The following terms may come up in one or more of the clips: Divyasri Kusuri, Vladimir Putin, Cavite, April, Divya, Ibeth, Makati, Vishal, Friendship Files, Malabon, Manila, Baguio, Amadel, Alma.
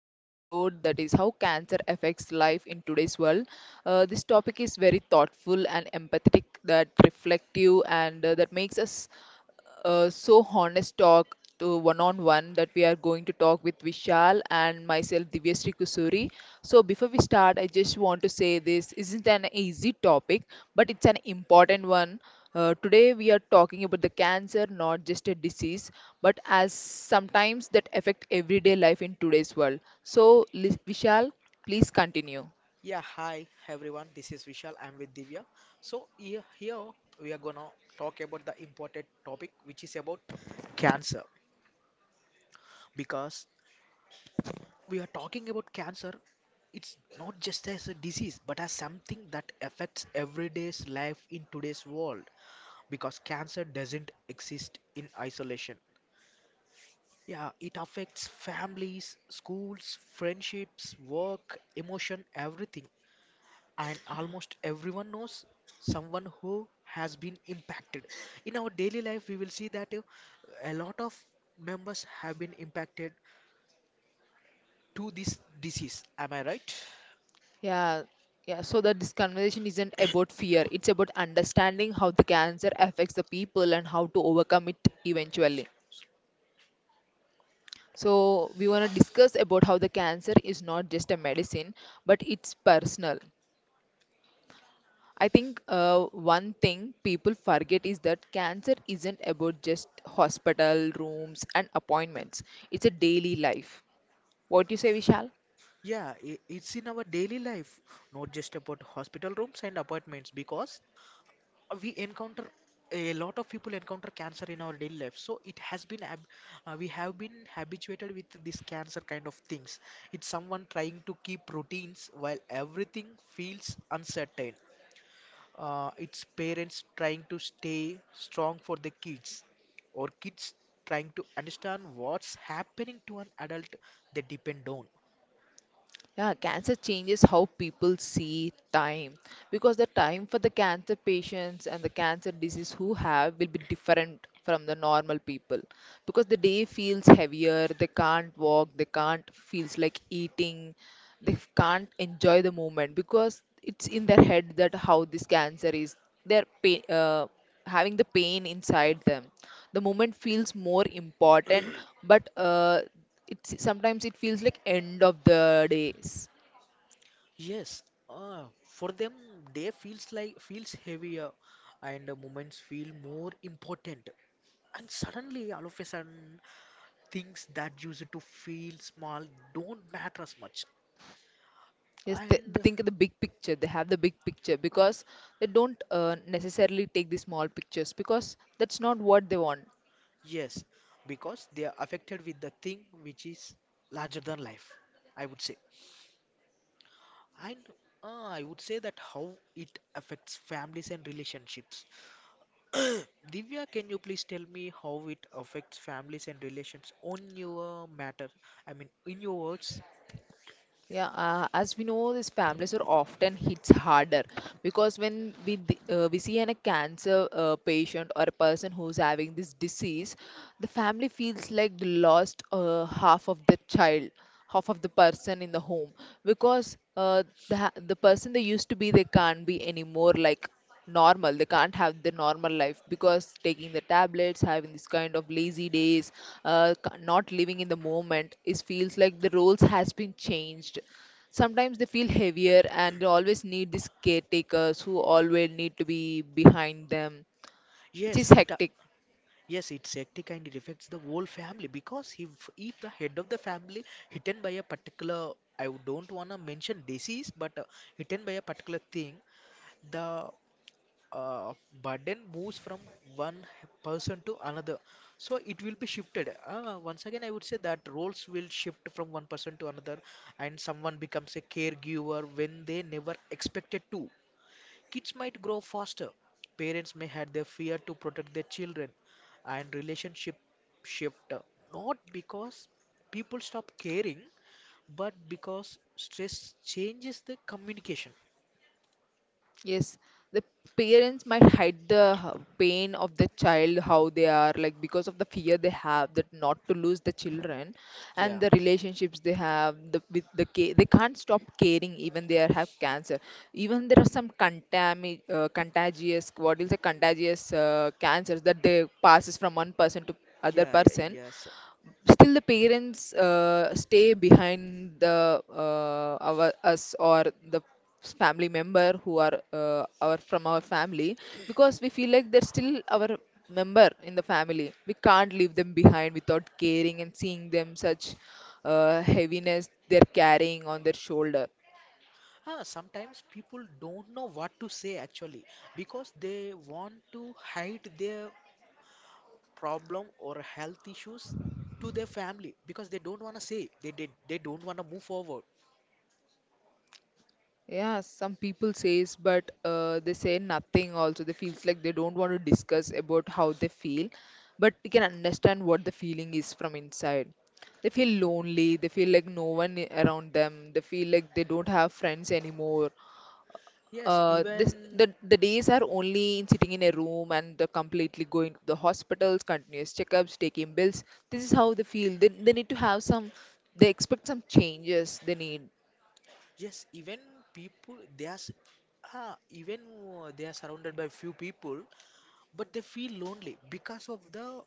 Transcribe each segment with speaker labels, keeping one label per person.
Speaker 1: new episode that is how cancer affects life in today's world. This topic is very thoughtful and empathetic, that reflective and that makes us so honest talk to one on one that we are going to talk with Vishal and myself, Divyasri Kusuri. So, before we start, I just want to say this isn't an easy topic, but it's an important one. Today we are talking about the cancer, not just a disease, but as sometimes that affect everyday life in today's world. So, Vishal, please continue.
Speaker 2: Yeah, hi everyone. This is Vishal. I'm with Divya. So here we are gonna talk about the important topic, which is about cancer. Because we are talking about cancer, it's not just as a disease, but as something that affects everyday's life in today's world. Because cancer doesn't exist in isolation. Yeah, it affects families, schools, friendships, work, emotion, everything. And almost everyone knows someone who has been impacted. In our daily life we will see that a lot of members have been impacted to this disease. Am I right?
Speaker 1: Yeah, yeah. So that this conversation isn't about fear. It's about understanding how the cancer affects the people and how to overcome it eventually. So we want to discuss about how the cancer is not just a medicine, but it's personal. I think one thing people forget is that cancer isn't about just hospital rooms and appointments. It's a daily life. What do you say, Vishal?
Speaker 2: Yeah, it's in our daily life, not just about hospital rooms and apartments, because we encounter, a lot of people encounter cancer in our daily life, so it has been ab- we have been habituated with this cancer kind of things. It's someone trying to keep routines while everything feels uncertain. It's parents trying to stay strong for their kids, or kids trying to understand what's happening to an adult they depend on.
Speaker 1: Yeah, cancer changes how people see time because the time for the cancer patients and the cancer disease who have will be different from the normal people because the day feels heavier, they can't walk, they can't feels like eating, they can't enjoy the moment because it's in their head that how this cancer is. They're pain, having the pain inside them. The moment feels more important, but it's sometimes it feels like end of the days.
Speaker 2: Yes. For them, day feels heavier, and moments feel more important. And suddenly, all of a sudden, things that used to feel small don't matter as much.
Speaker 1: Yes, they
Speaker 2: And.
Speaker 1: think of the big picture, they have the big picture because they don't necessarily take the small pictures because that's not what they want.
Speaker 2: Yes, because they are affected with the thing which is larger than life, I would say. And I would say that how it affects families and relationships. Divya, can you please tell me how it affects families and relations on your matter? I mean, in your words.
Speaker 1: Yeah, as we know, these families are often hits harder because when we see a cancer patient or a person who's having this disease, the family feels like they lost half of the child, half of the person in the home because the person they used to be they can't be anymore. Like normal they can't have their normal life because taking the tablets having this kind of lazy days, not living in the moment, it feels like the roles has been changed. Sometimes they feel heavier and they always need these caretakers who always need to be behind them, which
Speaker 2: Yes,
Speaker 1: is
Speaker 2: it uh,
Speaker 1: hectic.
Speaker 2: Yes, its hectic kind. It affects the whole family because if the head of the family hidden by a particular, don't wanna mention disease, but hidden by a particular thing, the uh, burden moves from one person to another. So it will be shifted. Once again, I would say that roles will shift from one person to another, and someone becomes a caregiver when they never expected to. Kids might grow faster. Parents may hide their fear to protect their children, and relationship shift, not because people stop caring, but because stress changes the communication.
Speaker 1: Yes, the parents might hide pain of the child, how they are like because of the fear they have that not to lose the children, and
Speaker 2: Yeah,
Speaker 1: the relationships they have the they can't stop caring even they are, have cancer. Even there are some contagious, what is a contagious cancers that they passes from one person to other
Speaker 2: yeah, yeah,
Speaker 1: person.
Speaker 2: yes.
Speaker 1: Still the parents stay behind the our us or the family member who are our from our family because we feel like they're still our member in the family, we can't leave them behind without caring and seeing them such heaviness they're carrying on their shoulder.
Speaker 2: Ah, sometimes people don't know what to say, actually, because they want to hide their problem or health issues to their family, because they don't want to say, they don't want to move forward.
Speaker 1: Yeah, some people says, but they say nothing also. They feels like they don't want to discuss about how they feel, but we can understand what the feeling is from inside. They feel lonely, they feel like no one I- around them, they feel like they don't have friends anymore.
Speaker 2: Yes,
Speaker 1: This
Speaker 2: even.
Speaker 1: the days are only in sitting in a room and they're completely going to the hospitals, continuous checkups, taking bills. This is how they feel. They need to have some. They expect some changes. They need.
Speaker 2: Yes, even people they are, s- ah, even they are surrounded by few people, but they feel lonely because of the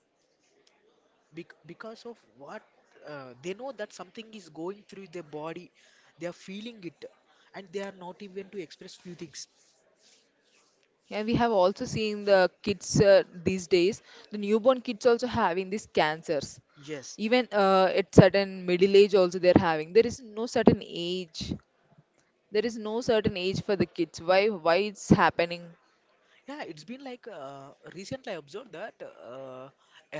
Speaker 2: bec because of what they know that something is going through their body. They are feeling it, and they are not even to express few things.
Speaker 1: Yeah, we have also seen the kids these days, the newborn kids also having these cancers.
Speaker 2: Yes.
Speaker 1: Even at certain middle age also they're having. There is no certain age. There is no certain age for the kids. Why it's happening?
Speaker 2: Yeah, it's been like, recently I observed that,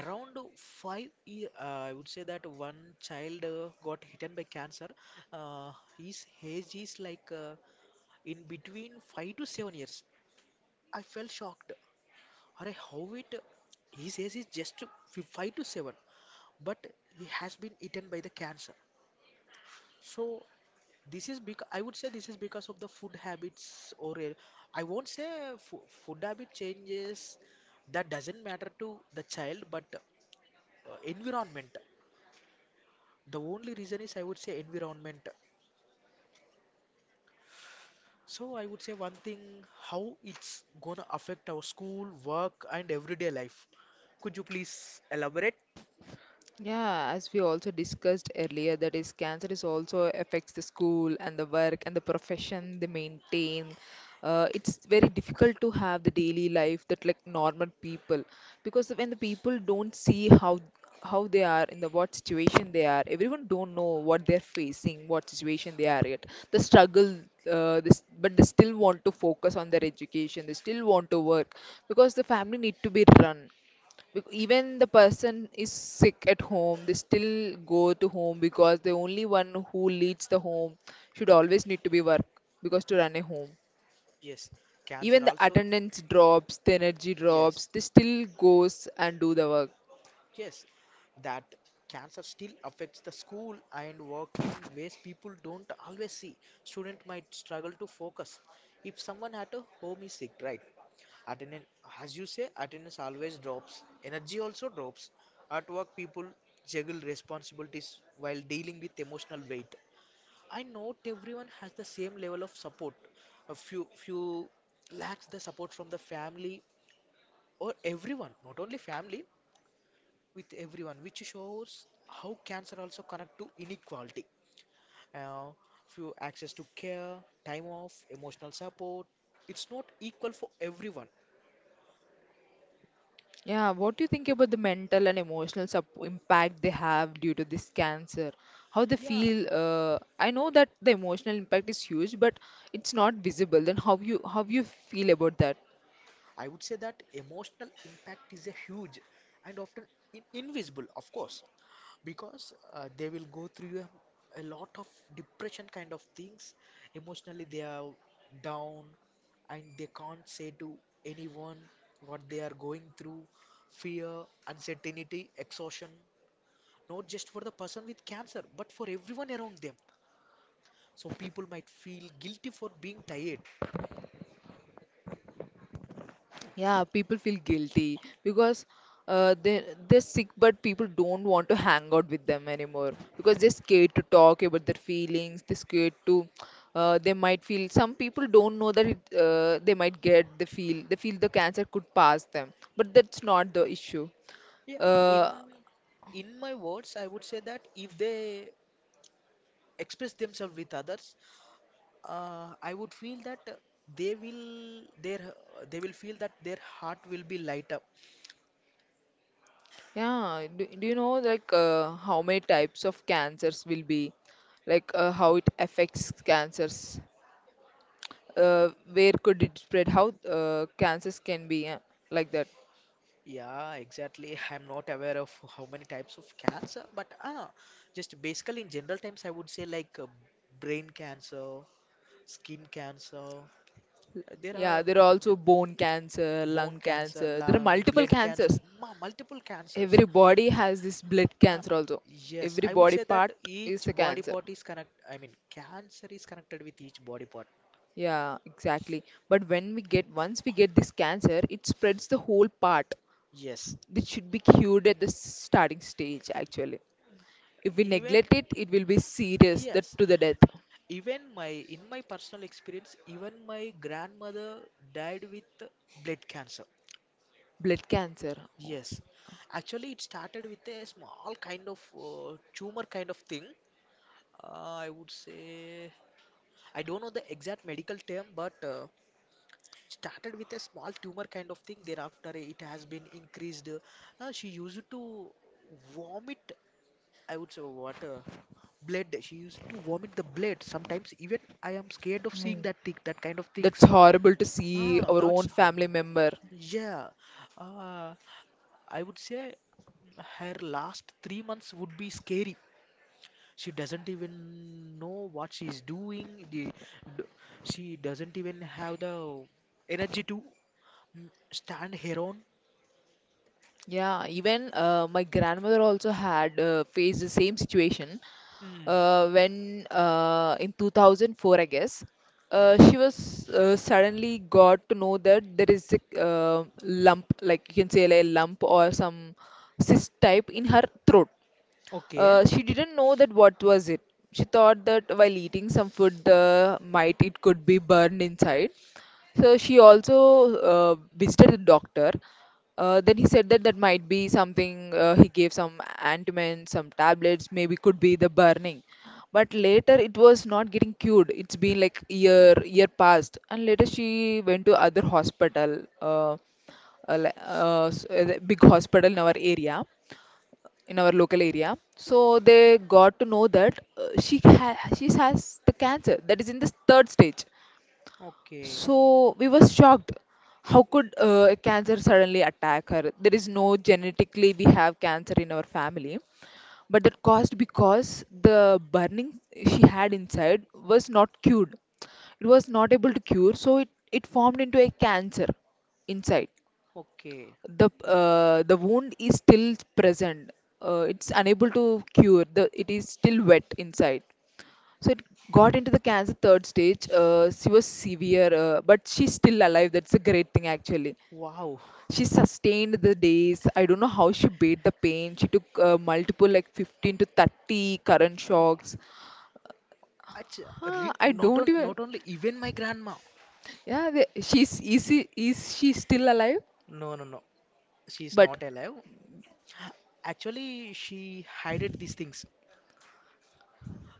Speaker 2: I would say that one child got hit by cancer. Uh, his age is like, in between 5 to 7 years. I felt shocked. Arey, how it? His age is just five to seven, but he has been eaten by the cancer. So this is because, I would say, this is because of the food habits, I won't say fo food habit changes that doesn't matter to the child, but environment. The only reason is, I would say, environment. So I would say one thing: how it's gonna affect our school work and everyday life? Could you please elaborate?
Speaker 1: Yeah, as we also discussed earlier, that is, cancer is also affects the school and the work and the profession they maintain. It's very difficult to have the daily life that like normal people, because when the people don't see how they are in the what situation they are, everyone don't know what they're facing, what situation they are at, the struggle. But they still want to focus on their education. They still want to work because the family need to be run. Even the person is sick at home, they still go to home because the only one who leads the home should always need to be work because to run a home.
Speaker 2: Yes, cancer
Speaker 1: Even the
Speaker 2: also.
Speaker 1: attendance drops, the energy drops,
Speaker 2: Yes.
Speaker 1: they still goes and do the work.
Speaker 2: Yes, that cancer still affects the school and work in ways people don't always see. Student might struggle to focus. If someone at a home is sick, right? Attendance, as you say, attendance always drops. Energy also drops. At work, people juggle responsibilities while dealing with emotional weight. I know everyone has the same level of support. A few lacks the support from the family, or everyone, not only family, with everyone, which shows how cancer also connect to inequality. Uh, few access to care, time off, emotional support. It's not equal for everyone.
Speaker 1: Yeah, what do you think about the mental and emotional sup impact they have due to this cancer? How they
Speaker 2: Yeah,
Speaker 1: feel? I know that the emotional impact is huge, but it's not visible. Then how you feel about that?
Speaker 2: I would say that emotional impact is a huge and often in invisible, of course. Because they will go through a lot of depression kind of things. Emotionally they are down, and they can't say to anyone what they are going through: fear, uncertainty, exhaustion. Not just for the person with cancer, but for everyone around them. So people might feel guilty for being tired.
Speaker 1: Yeah, people feel guilty because they're sick, but people don't want to hang out with them anymore because they're scared to talk about their feelings. They're scared to. They might feel some people don't know that it, they might get the feel they feel the cancer could pass them, but that's not the issue.
Speaker 2: Yeah, in
Speaker 1: Uh,
Speaker 2: in my words I would say that if they express themselves with others, I would feel that they will feel that their heart will be light up.
Speaker 1: yeah, do you know like how many types of cancers will be, like how it affects cancers? Where could it spread, how cancers can be like that.
Speaker 2: Yeah, exactly. I'm not aware of how many types of cancer, but just basically in general terms, I would say like, brain cancer, skin cancer. There
Speaker 1: Yeah,
Speaker 2: are
Speaker 1: there are
Speaker 2: d-
Speaker 1: also bone cancer,
Speaker 2: bone
Speaker 1: lung
Speaker 2: cancer,
Speaker 1: cancer, there are
Speaker 2: lung,
Speaker 1: multiple
Speaker 2: blood cancer,
Speaker 1: cancers.
Speaker 2: multiple cancers.
Speaker 1: Every body has this blood
Speaker 2: Uh,
Speaker 1: cancer also.
Speaker 2: yes,
Speaker 1: Every
Speaker 2: I would
Speaker 1: body
Speaker 2: say that
Speaker 1: part is
Speaker 2: each
Speaker 1: a
Speaker 2: body
Speaker 1: cancer,
Speaker 2: part is connect. I mean, cancer is connected with each body part.
Speaker 1: yeah, exactly. But when we get once we get this cancer it spreads the whole part,
Speaker 2: Yes,
Speaker 1: which should be cured at the starting stage actually. If we
Speaker 2: even.
Speaker 1: neglect it it will be serious that
Speaker 2: Yes,
Speaker 1: to the death.
Speaker 2: even my in my personal experience, even my grandmother died with blood cancer.
Speaker 1: Blood cancer.
Speaker 2: Yes, actually it started with a small kind of, tumor kind of thing. I would say, I don't know the exact medical term, but started with a small tumor kind of thing. Thereafter it has been increased. She used to vomit, I would say water, blood. She used to vomit the blood sometimes. Even I am scared of seeing
Speaker 1: Oh.
Speaker 2: that thing, that kind of
Speaker 1: That's
Speaker 2: things.
Speaker 1: horrible to see
Speaker 2: Ah,
Speaker 1: our
Speaker 2: that's
Speaker 1: own
Speaker 2: her.
Speaker 1: family member.
Speaker 2: Yeah. Uh, I would say her last 3 months would be scary. She doesn't even know what she's doing. D- she doesn't even have the energy to stand her own.
Speaker 1: Yeah, even my grandmother also had faced the same situation
Speaker 2: Mm,
Speaker 1: when in 2004, I guess. She was suddenly got to know that there is a lump, like you can say, like a lump or some cyst type in her throat.
Speaker 2: okay,
Speaker 1: She didn't know that what was it. She thought that while eating some food, the might it could be burned inside. So she also visited the doctor. Then he said that that might be something. He gave some ointment, some tablets. Maybe could be the burning. But later it was not getting cured. It's been like year passed, and later she went to other hospital, uh, the big hospital in our area, in our local area. So they got to know that she has the cancer that is in the third stage.
Speaker 2: okay,
Speaker 1: So we were shocked. How could cancer suddenly attack her? There is no genetically we have cancer in our family, but that caused because the burning she had inside was not cured. It was not able to cure, so it formed into a cancer inside.
Speaker 2: okay.
Speaker 1: The wound is still present. It's unable to cure. The it is still wet inside. So it got into the cancer third stage. She was severe, but she's still alive. That's a great thing, actually.
Speaker 2: Wow.
Speaker 1: She sustained the days. I don't know how she beat the pain. She took multiple, like 15 to 30 current shocks.
Speaker 2: Acha,
Speaker 1: Huh,
Speaker 2: re,
Speaker 1: I don't even.
Speaker 2: not only even my grandma.
Speaker 1: Yeah, is she still alive?
Speaker 2: No, no, no. She's
Speaker 1: But
Speaker 2: not alive. Actually, she hid these things.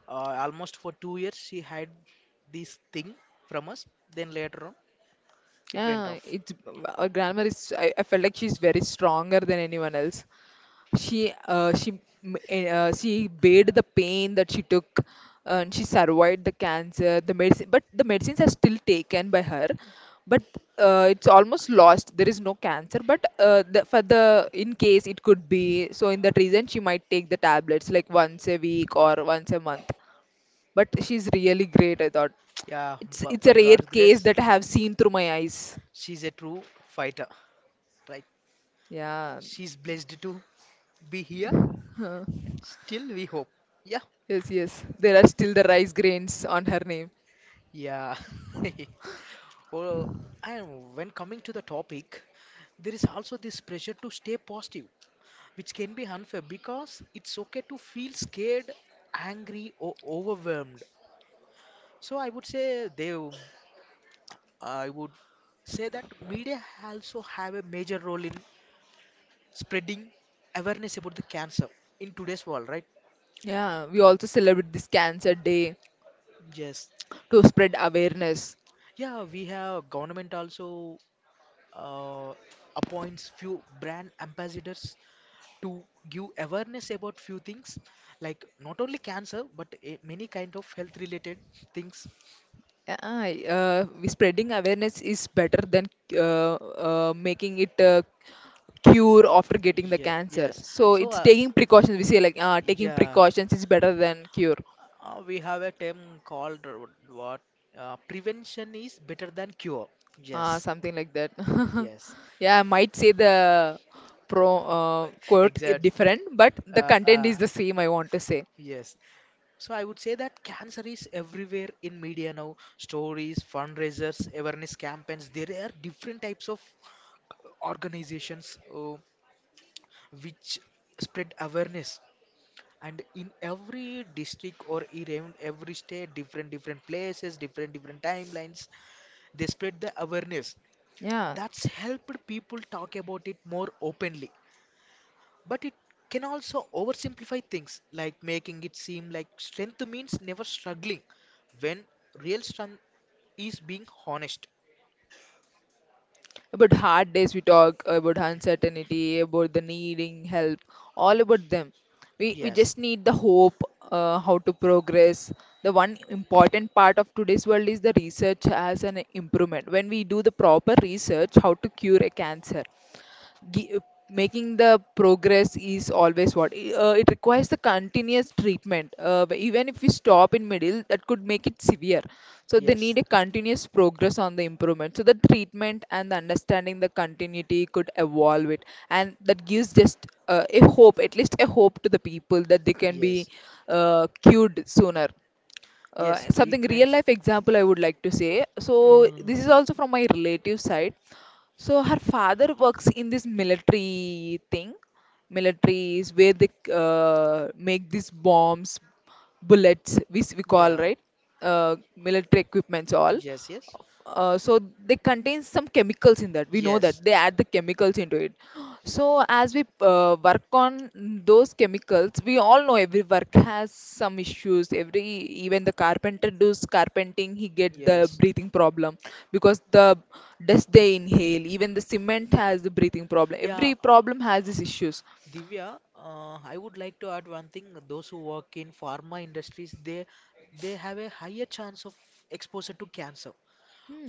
Speaker 2: Almost for 2 years, she had this thing from us. Then later on, it went
Speaker 1: yeah,
Speaker 2: off.
Speaker 1: it's our grandmother is. I felt like she's very stronger than anyone else. she uh, she she bade the pain that she took and she survived the cancer the medicine, but the medicines are still taken by her. But it's almost lost, there is no cancer, but for the in case it could be, so in that reason she might take the tablets like once a week or once a month. But she's really great, I thought.
Speaker 2: Yeah,
Speaker 1: it's
Speaker 2: but
Speaker 1: it's
Speaker 2: by
Speaker 1: a rare
Speaker 2: God's
Speaker 1: case
Speaker 2: grace,
Speaker 1: that I have seen through my eyes.
Speaker 2: she's a true fighter. Right?
Speaker 1: Yeah.
Speaker 2: She's blessed to be here, and still we hope. Yeah,
Speaker 1: Yes, yes, there are still the rice grains on her name.
Speaker 2: yeah. Well, and when coming to the topic, there is also this pressure to stay positive, which can be unfair because it's okay to feel scared, angry, or overwhelmed. So I would say, Dev, I would say that media also have a major role in spreading awareness about the cancer in today's world, right?
Speaker 1: Yeah, we also celebrate this Cancer Day
Speaker 2: Yes.
Speaker 1: to spread awareness.
Speaker 2: Yeah, we have government also uh, appoints few brand ambassadors to give awareness about few things, like not only cancer but many kind of health related things.
Speaker 1: Yeah, we spreading awareness is better than making it cure after getting the
Speaker 2: Yeah,
Speaker 1: cancer.
Speaker 2: yes.
Speaker 1: So
Speaker 2: So,
Speaker 1: it's taking precautions. We say like taking
Speaker 2: yeah,
Speaker 1: precautions is better than cure,
Speaker 2: we have a term called, what, prevention is better than cure. Yes.
Speaker 1: something like that.
Speaker 2: Yes,
Speaker 1: Yeah, I might say the pro quote
Speaker 2: exact.
Speaker 1: different, but the
Speaker 2: Uh,
Speaker 1: content
Speaker 2: uh,
Speaker 1: is the same. I want to say.
Speaker 2: yes. So I would say that cancer is everywhere in media now. Stories, fundraisers, awareness campaigns. There are different types of organizations which spread awareness. And in every district, or even every state, different different places, different different timelines, they spread the awareness.
Speaker 1: Yeah,
Speaker 2: That's helped people talk about it more openly. But it can also oversimplify things, like making it seem like strength means never struggling, when real strength is being honest.
Speaker 1: about hard days, we talk about uncertainty, about the needing help, all about them. We
Speaker 2: Yes,
Speaker 1: just need the hope. How to progress. The one important part of today's world is the research as an improvement. When we do the proper research how to cure a cancer, gi- making the progress is always it requires the continuous treatment, but even if we stop in middle, that could make it severe. So they
Speaker 2: yes,
Speaker 1: need a continuous progress on the improvement, so the treatment and the understanding, the continuity could evolve it. And that gives just a hope, at least a hope to the people that they can be
Speaker 2: yes,
Speaker 1: cured sooner.
Speaker 2: yes,
Speaker 1: Something real
Speaker 2: treatments.
Speaker 1: life example I would like to say. So
Speaker 2: Mm,
Speaker 1: this is also from my relative side. So her father works in this military thing. Military is where they make these bombs, bullets, which we call,
Speaker 2: yeah,
Speaker 1: right, military equipments all.
Speaker 2: yes, yes,
Speaker 1: So they contain some chemicals in that. We know
Speaker 2: yes,
Speaker 1: that they add the chemicals into it. So as we work on those chemicals, we all know every work has some issues. Every even the carpenter does carpenting, he get the
Speaker 2: yes.
Speaker 1: breathing problem because the dust they inhale. Even the cement has the breathing problem.
Speaker 2: Yeah,
Speaker 1: Every problem has these issues.
Speaker 2: Divya, I would like to add one thing. Those who work in pharma industries, they have a higher chance of exposure to cancer.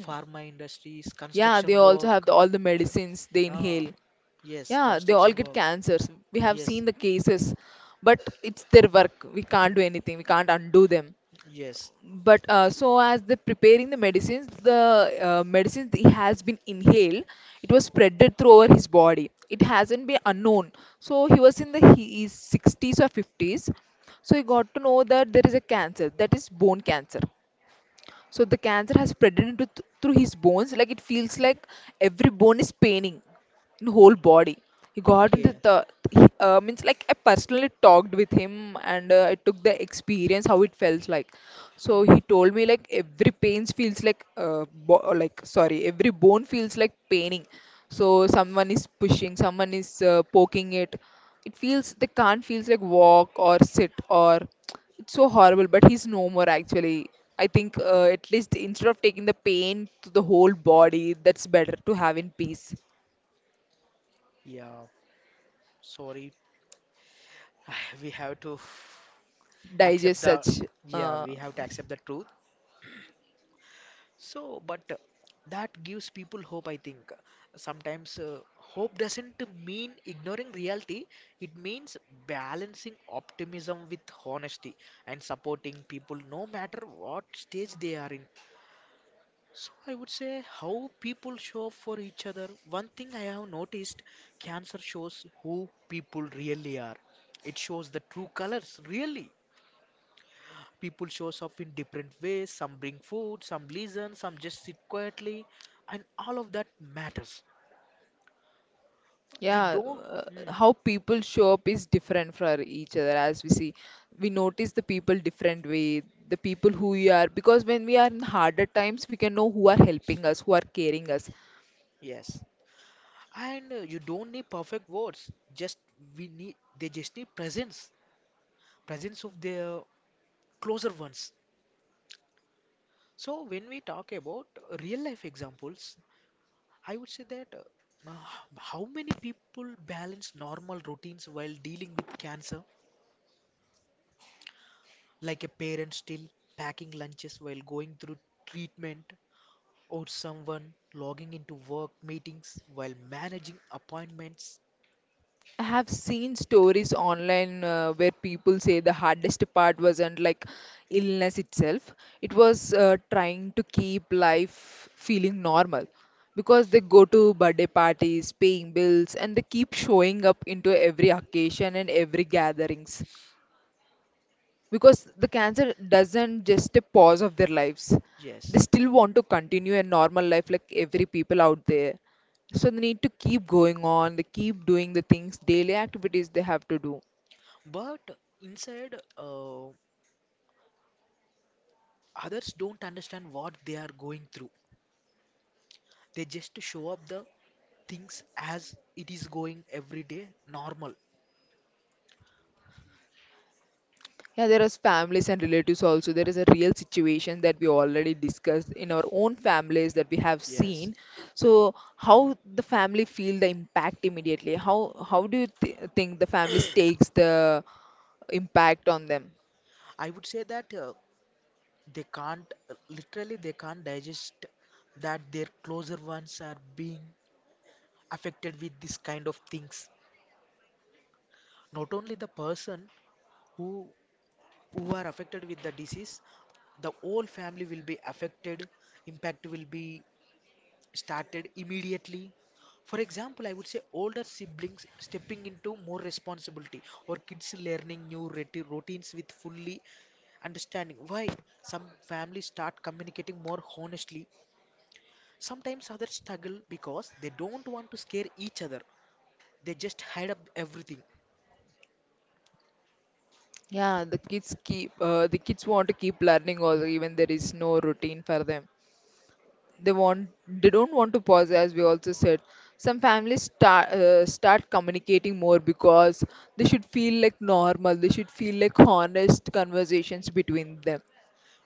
Speaker 2: Pharma industries,
Speaker 1: Yeah, they
Speaker 2: construction
Speaker 1: also have
Speaker 2: work.
Speaker 1: the, all the medicines they
Speaker 2: uh,
Speaker 1: inhale.
Speaker 2: Yes,
Speaker 1: Yeah, they all
Speaker 2: construction
Speaker 1: get
Speaker 2: work.
Speaker 1: cancers. We have
Speaker 2: Yes,
Speaker 1: seen the cases, but it's their work. We can't do anything. We can't undo them.
Speaker 2: yes.
Speaker 1: But so as they preparing the medicines, the medicines he has been inhaled, it was spreaded through over his body. It hasn't been unknown. So he was in the he is 60s or 50s. So he got to know that there is a cancer, that is bone cancer. So the cancer has spread through his bones. Like it feels like every bone is paining in whole body. He got into
Speaker 2: Okay.
Speaker 1: the means like I personally talked with him, and I took the experience how it felt like. So
Speaker 2: Mm,
Speaker 1: he told me like every pains feels like like, sorry, every bone feels like paining. So someone is pushing, someone is poking it. It feels the can't feels like walk or sit or it's so horrible, but he's no more actually. I think at least instead of taking the pain to the whole body, that's better to have in peace.
Speaker 2: yeah, sorry. We have to
Speaker 1: Digest
Speaker 2: accept the,
Speaker 1: such.
Speaker 2: yeah,
Speaker 1: uh,
Speaker 2: we have to accept the truth. So, but that gives people hope, I think. Sometimes hope doesn't mean ignoring reality, it means balancing optimism with honesty, and supporting people no matter what stage they are in. So I would say how people show up for each other. One thing I have noticed, cancer shows who people really are. It shows the true colors, really. People shows up in different ways. Some bring food, some listen, some just sit quietly, and all of that matters. You
Speaker 1: yeah.
Speaker 2: don't.
Speaker 1: uh,
Speaker 2: Hmm,
Speaker 1: how people show up is different for each other. As we see, we notice the people different way, the people who we are, because when we are in harder times, we can know who are helping us, who are caring us.
Speaker 2: yes, and you don't need perfect words. Just we need. They just need presence, presence of their closer ones. So when we talk about real life examples, I would say that, how many people balance normal routines while dealing with cancer, like a parent still packing lunches while going through treatment, or someone logging into work meetings while managing appointments?
Speaker 1: I have seen stories online where people say the hardest part wasn't like illness itself. It was trying to keep life feeling normal, because they go to birthday parties, paying bills, and they keep showing up into every occasion and every gatherings, because the cancer doesn't just a pause of their lives. They
Speaker 2: Yes,
Speaker 1: still want to continue a normal life like every people out there, so they need to keep going on. They keep doing the things, daily activities they have to do.
Speaker 2: but inside, others don't understand what they are going through. They just show up the things as it is going every day normal.
Speaker 1: Yeah, there is families and relatives also. There is a real situation that we already discussed in our own families, that we have
Speaker 2: Yes,
Speaker 1: seen. So how the family feel the impact immediately, how do you think the families takes the impact on them.
Speaker 2: I would say that they can't, literally, they can't digest that their closer ones are being affected with this kind of things. Not only the person who who are affected with the disease, the whole family will be affected. Impact will be started immediately. For example, I would say older siblings stepping into more responsibility, or kids learning new routines with fully understanding. Why? Some families start communicating more honestly. Sometimes others struggle because they don't want to scare each other. They just hide up everything.
Speaker 1: Yeah, the kids keep the kids want to keep learning also, even there is no routine for them. They don't want to pause, as we also said. Some families start communicating more, because they should feel like normal. They should feel like honest conversations between them.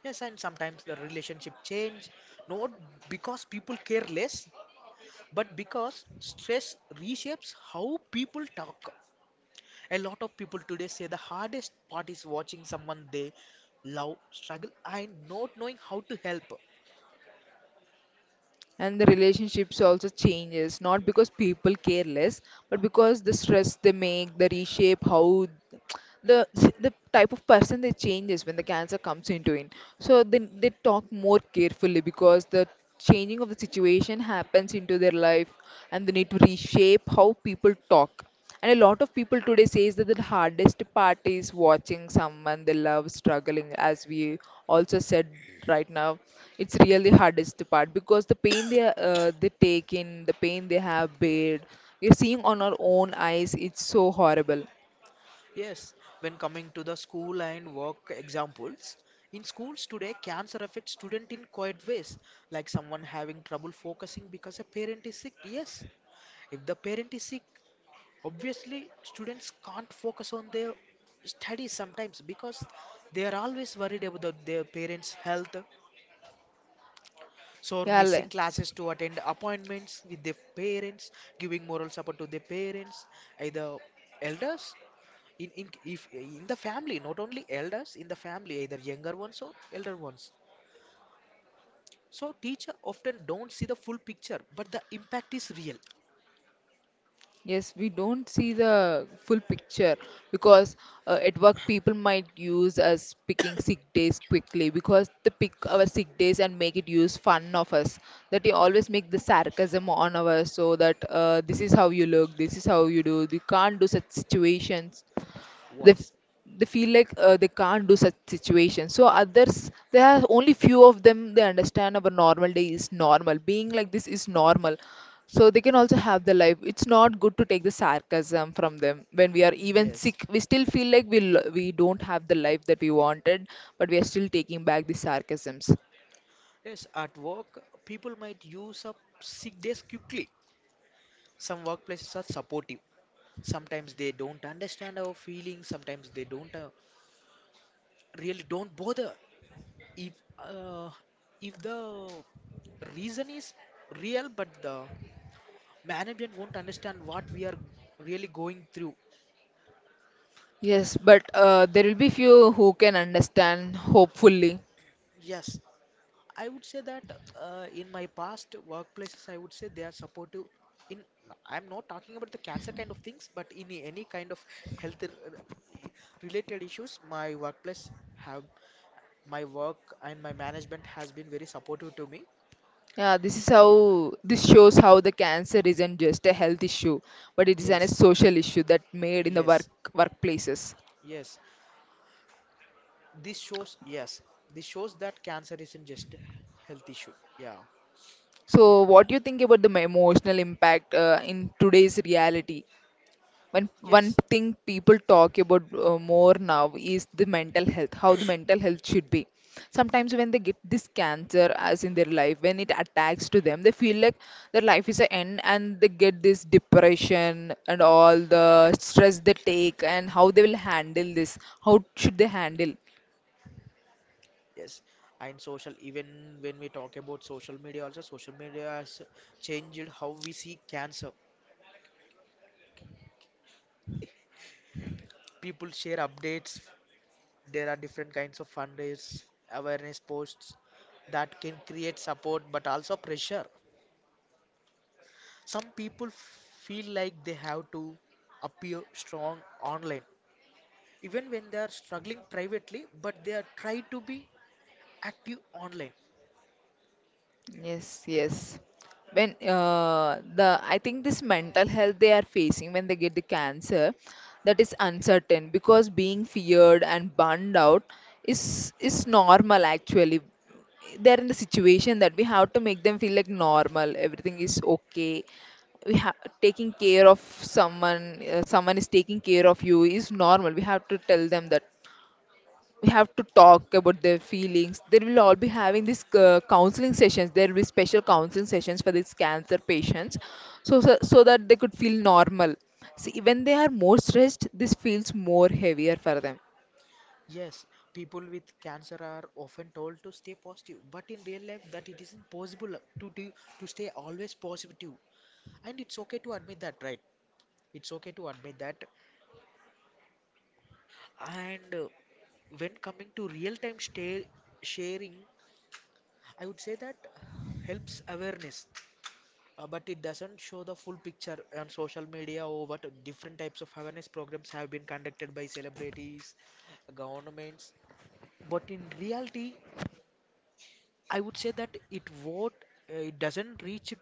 Speaker 2: Yes, and sometimes the relationship change, not because people care less, but because stress reshapes how people talk. A lot of people today say the hardest part is watching someone they love struggle and not knowing how to help.
Speaker 1: And the relationships also changes, not because people care less, but because the stress, they make the reshape how the the type of person they changes when the cancer comes into it. So then they talk more carefully, because the changing of the situation happens into their life, and they need to reshape how people talk. And a lot of people today says that the hardest part is watching someone they love struggling, as we also said right now. It's really hardest part, because the pain they take in, the pain they have bared, we're seeing on our own eyes. It's so horrible.
Speaker 2: Yes, when coming to the school and work examples, in schools today, cancer affects student in quiet ways, like someone having trouble focusing because a parent is sick. Yes, if the parent is sick, obviously students can't focus on their studies sometimes because they are always worried about their parents' health. So
Speaker 1: Yeah.
Speaker 2: missing classes to attend appointments with their parents, giving moral support to their parents, either elders in the family, not only elders in the family, either younger ones or elder ones, so teacher often don't see the full picture, but the impact is real.
Speaker 1: Yes, we don't see the full picture, because at work, people might use us picking sick days quickly, because they pick our sick days and make it use fun of us. That they always make the sarcasm on our, so that this is how you look, this is how you do. You can't do such situations. they f-
Speaker 2: Voice,
Speaker 1: they feel like they can't do such situations. So others, there are only few of them, they understand our normal day is normal, being like this is normal. So they can also have the life. It's not good to take the sarcasm from them. When we are even
Speaker 2: yes.
Speaker 1: sick, we still feel like we don't have the life that we wanted, but we are still taking back the sarcasms.
Speaker 2: Yes, at work people might use up sick days quickly. Some workplaces are supportive, sometimes they don't understand our feelings, sometimes they don't, really don't bother if uh, if the reason is real, but the management won't understand what we are really going through.
Speaker 1: Yes, but there will be few who can understand, hopefully.
Speaker 2: Yes, I would say that in my past workplaces, I would say they are supportive. In I'm not talking about the cancer kind of things, but in any kind of health r- related issues, have my work and my management has been very supportive to me.
Speaker 1: Yeah, this is how this shows how the cancer isn't just a health issue, but it is an, a
Speaker 2: Yes,
Speaker 1: social issue that made in the work
Speaker 2: yes,
Speaker 1: workplaces.
Speaker 2: yes. This shows this shows that cancer isn't just a health issue. Yeah,
Speaker 1: So, what do you think about the emotional impact in today's reality? When one
Speaker 2: yes.
Speaker 1: thing people talk about more now is the mental health, how the mental health should be. Sometimes when they get this cancer as in their life, when it attacks to them, they feel like their life is an end, and they get this depression, and all the stress they take, and how they will handle this, how should they handle.
Speaker 2: Yes, and social, even when we talk about social media, also social media has changed how we see cancer. People share updates, there are different kinds of fundraise, awareness posts that can create support but also pressure. Some people feel like they have to appear strong online, even when they are struggling privately, but they are try to be active online.
Speaker 1: Yes, yes. When the I think this mental health they are facing when they get the cancer, that is uncertain, because being feared and burned out is normal actually. They're in the situation that we have to make them feel like normal. Everything is okay. We have taking care of someone. Someone is taking care of you is normal. We have to tell them that we have to talk about their feelings. They will all be having these counseling sessions. There will be special counseling sessions for these cancer patients, so that they could feel normal. See, when they are more stressed, this feels more heavier for them.
Speaker 2: Yes, people with cancer are often told to stay positive, but in real life, that it isn't possible to do, to stay always positive, and it's okay to admit that, right? It's okay to admit that. And When coming to real-time stay, sharing, I would say that helps awareness, but it doesn't show the full picture on social media, or what different types of awareness programs have been conducted by celebrities, governments. But in reality, I would say that it doesn't reach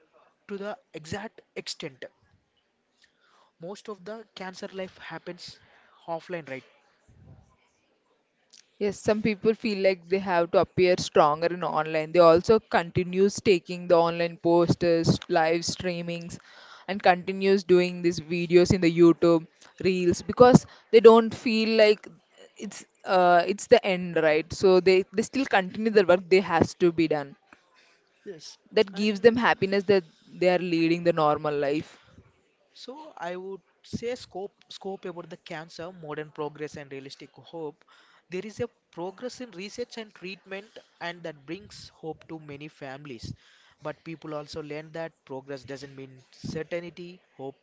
Speaker 2: to the exact extent. Most of the cancer life happens offline, right?
Speaker 1: Yes, some people feel like they have to appear stronger in online. They also continues taking the online posters, live streamings, and continues doing these videos in the YouTube reels, because they don't feel like it's the end, right? So they still continue the work they has to be done.
Speaker 2: Yes,
Speaker 1: That
Speaker 2: and
Speaker 1: gives them happiness that they are leading the normal life.
Speaker 2: so I would say scope about the cancer, modern progress and realistic hope. There is a progress in research and treatment, and that brings hope to many families. But people also learn that progress doesn't mean certainty. Hope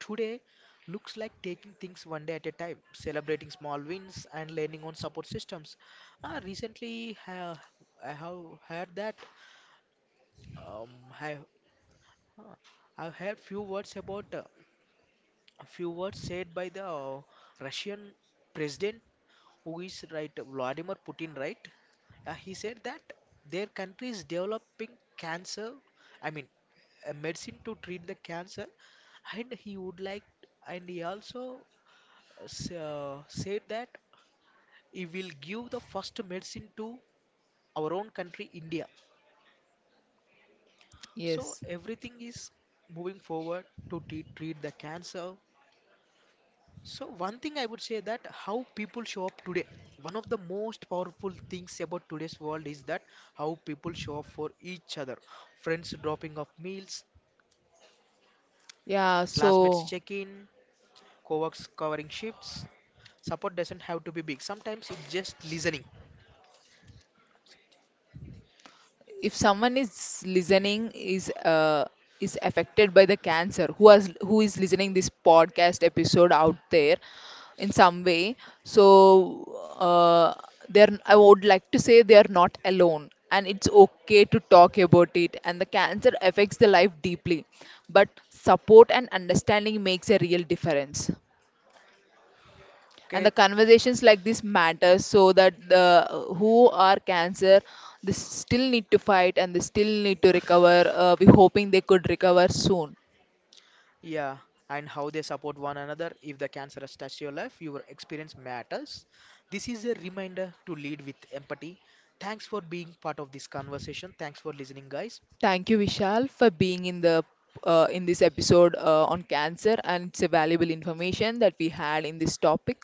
Speaker 2: today looks like taking things one day at a time, celebrating small wins and leaning on support systems. Recently, I have heard that um, I, uh, I've heard few words about a few words said by the Russian president, who is right, Vladimir Putin, right? He said that their country is developing cancer, I mean, a medicine to treat the cancer, and he also said that he will give the first medicine to our own country, India. So
Speaker 1: Yes.
Speaker 2: everything is moving forward to treat the cancer. So one thing I would say, that how people show up today. One of the most powerful things about today's world is that how people show up for each other. Friends dropping off meals,
Speaker 1: Yeah.
Speaker 2: classmates
Speaker 1: So
Speaker 2: check in, co-workers covering shifts. Support doesn't have to be big. Sometimes it's just listening.
Speaker 1: if someone is listening is affected by the cancer, who has, who is listening this podcast episode out there in some way, so uh, they're, I would like to say they are not alone, and it's okay to talk about it. And the cancer affects the life deeply, but support and understanding makes a real difference. And the
Speaker 2: Okay.
Speaker 1: conversations like this matter, so that the who are cancer, they still need to fight and they still need to recover. We're hoping they could recover soon.
Speaker 2: Yeah, and how they support one another. If the cancer has touched your life, your experience matters. This is a reminder to lead with empathy. Thanks for being part of this conversation. Thanks for listening, guys.
Speaker 1: Thank you, Vishal, for being in the in this episode on cancer, and it's a valuable information that we had in this topic,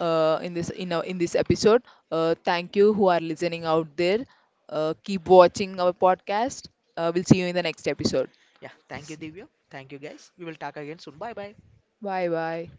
Speaker 1: in this episode. Thank you who are listening out there. Keep watching our podcast. We'll see you in the next episode.
Speaker 2: Yeah, thank you, Divya. Thank you, guys. We will talk again soon. Bye bye.
Speaker 1: Bye bye.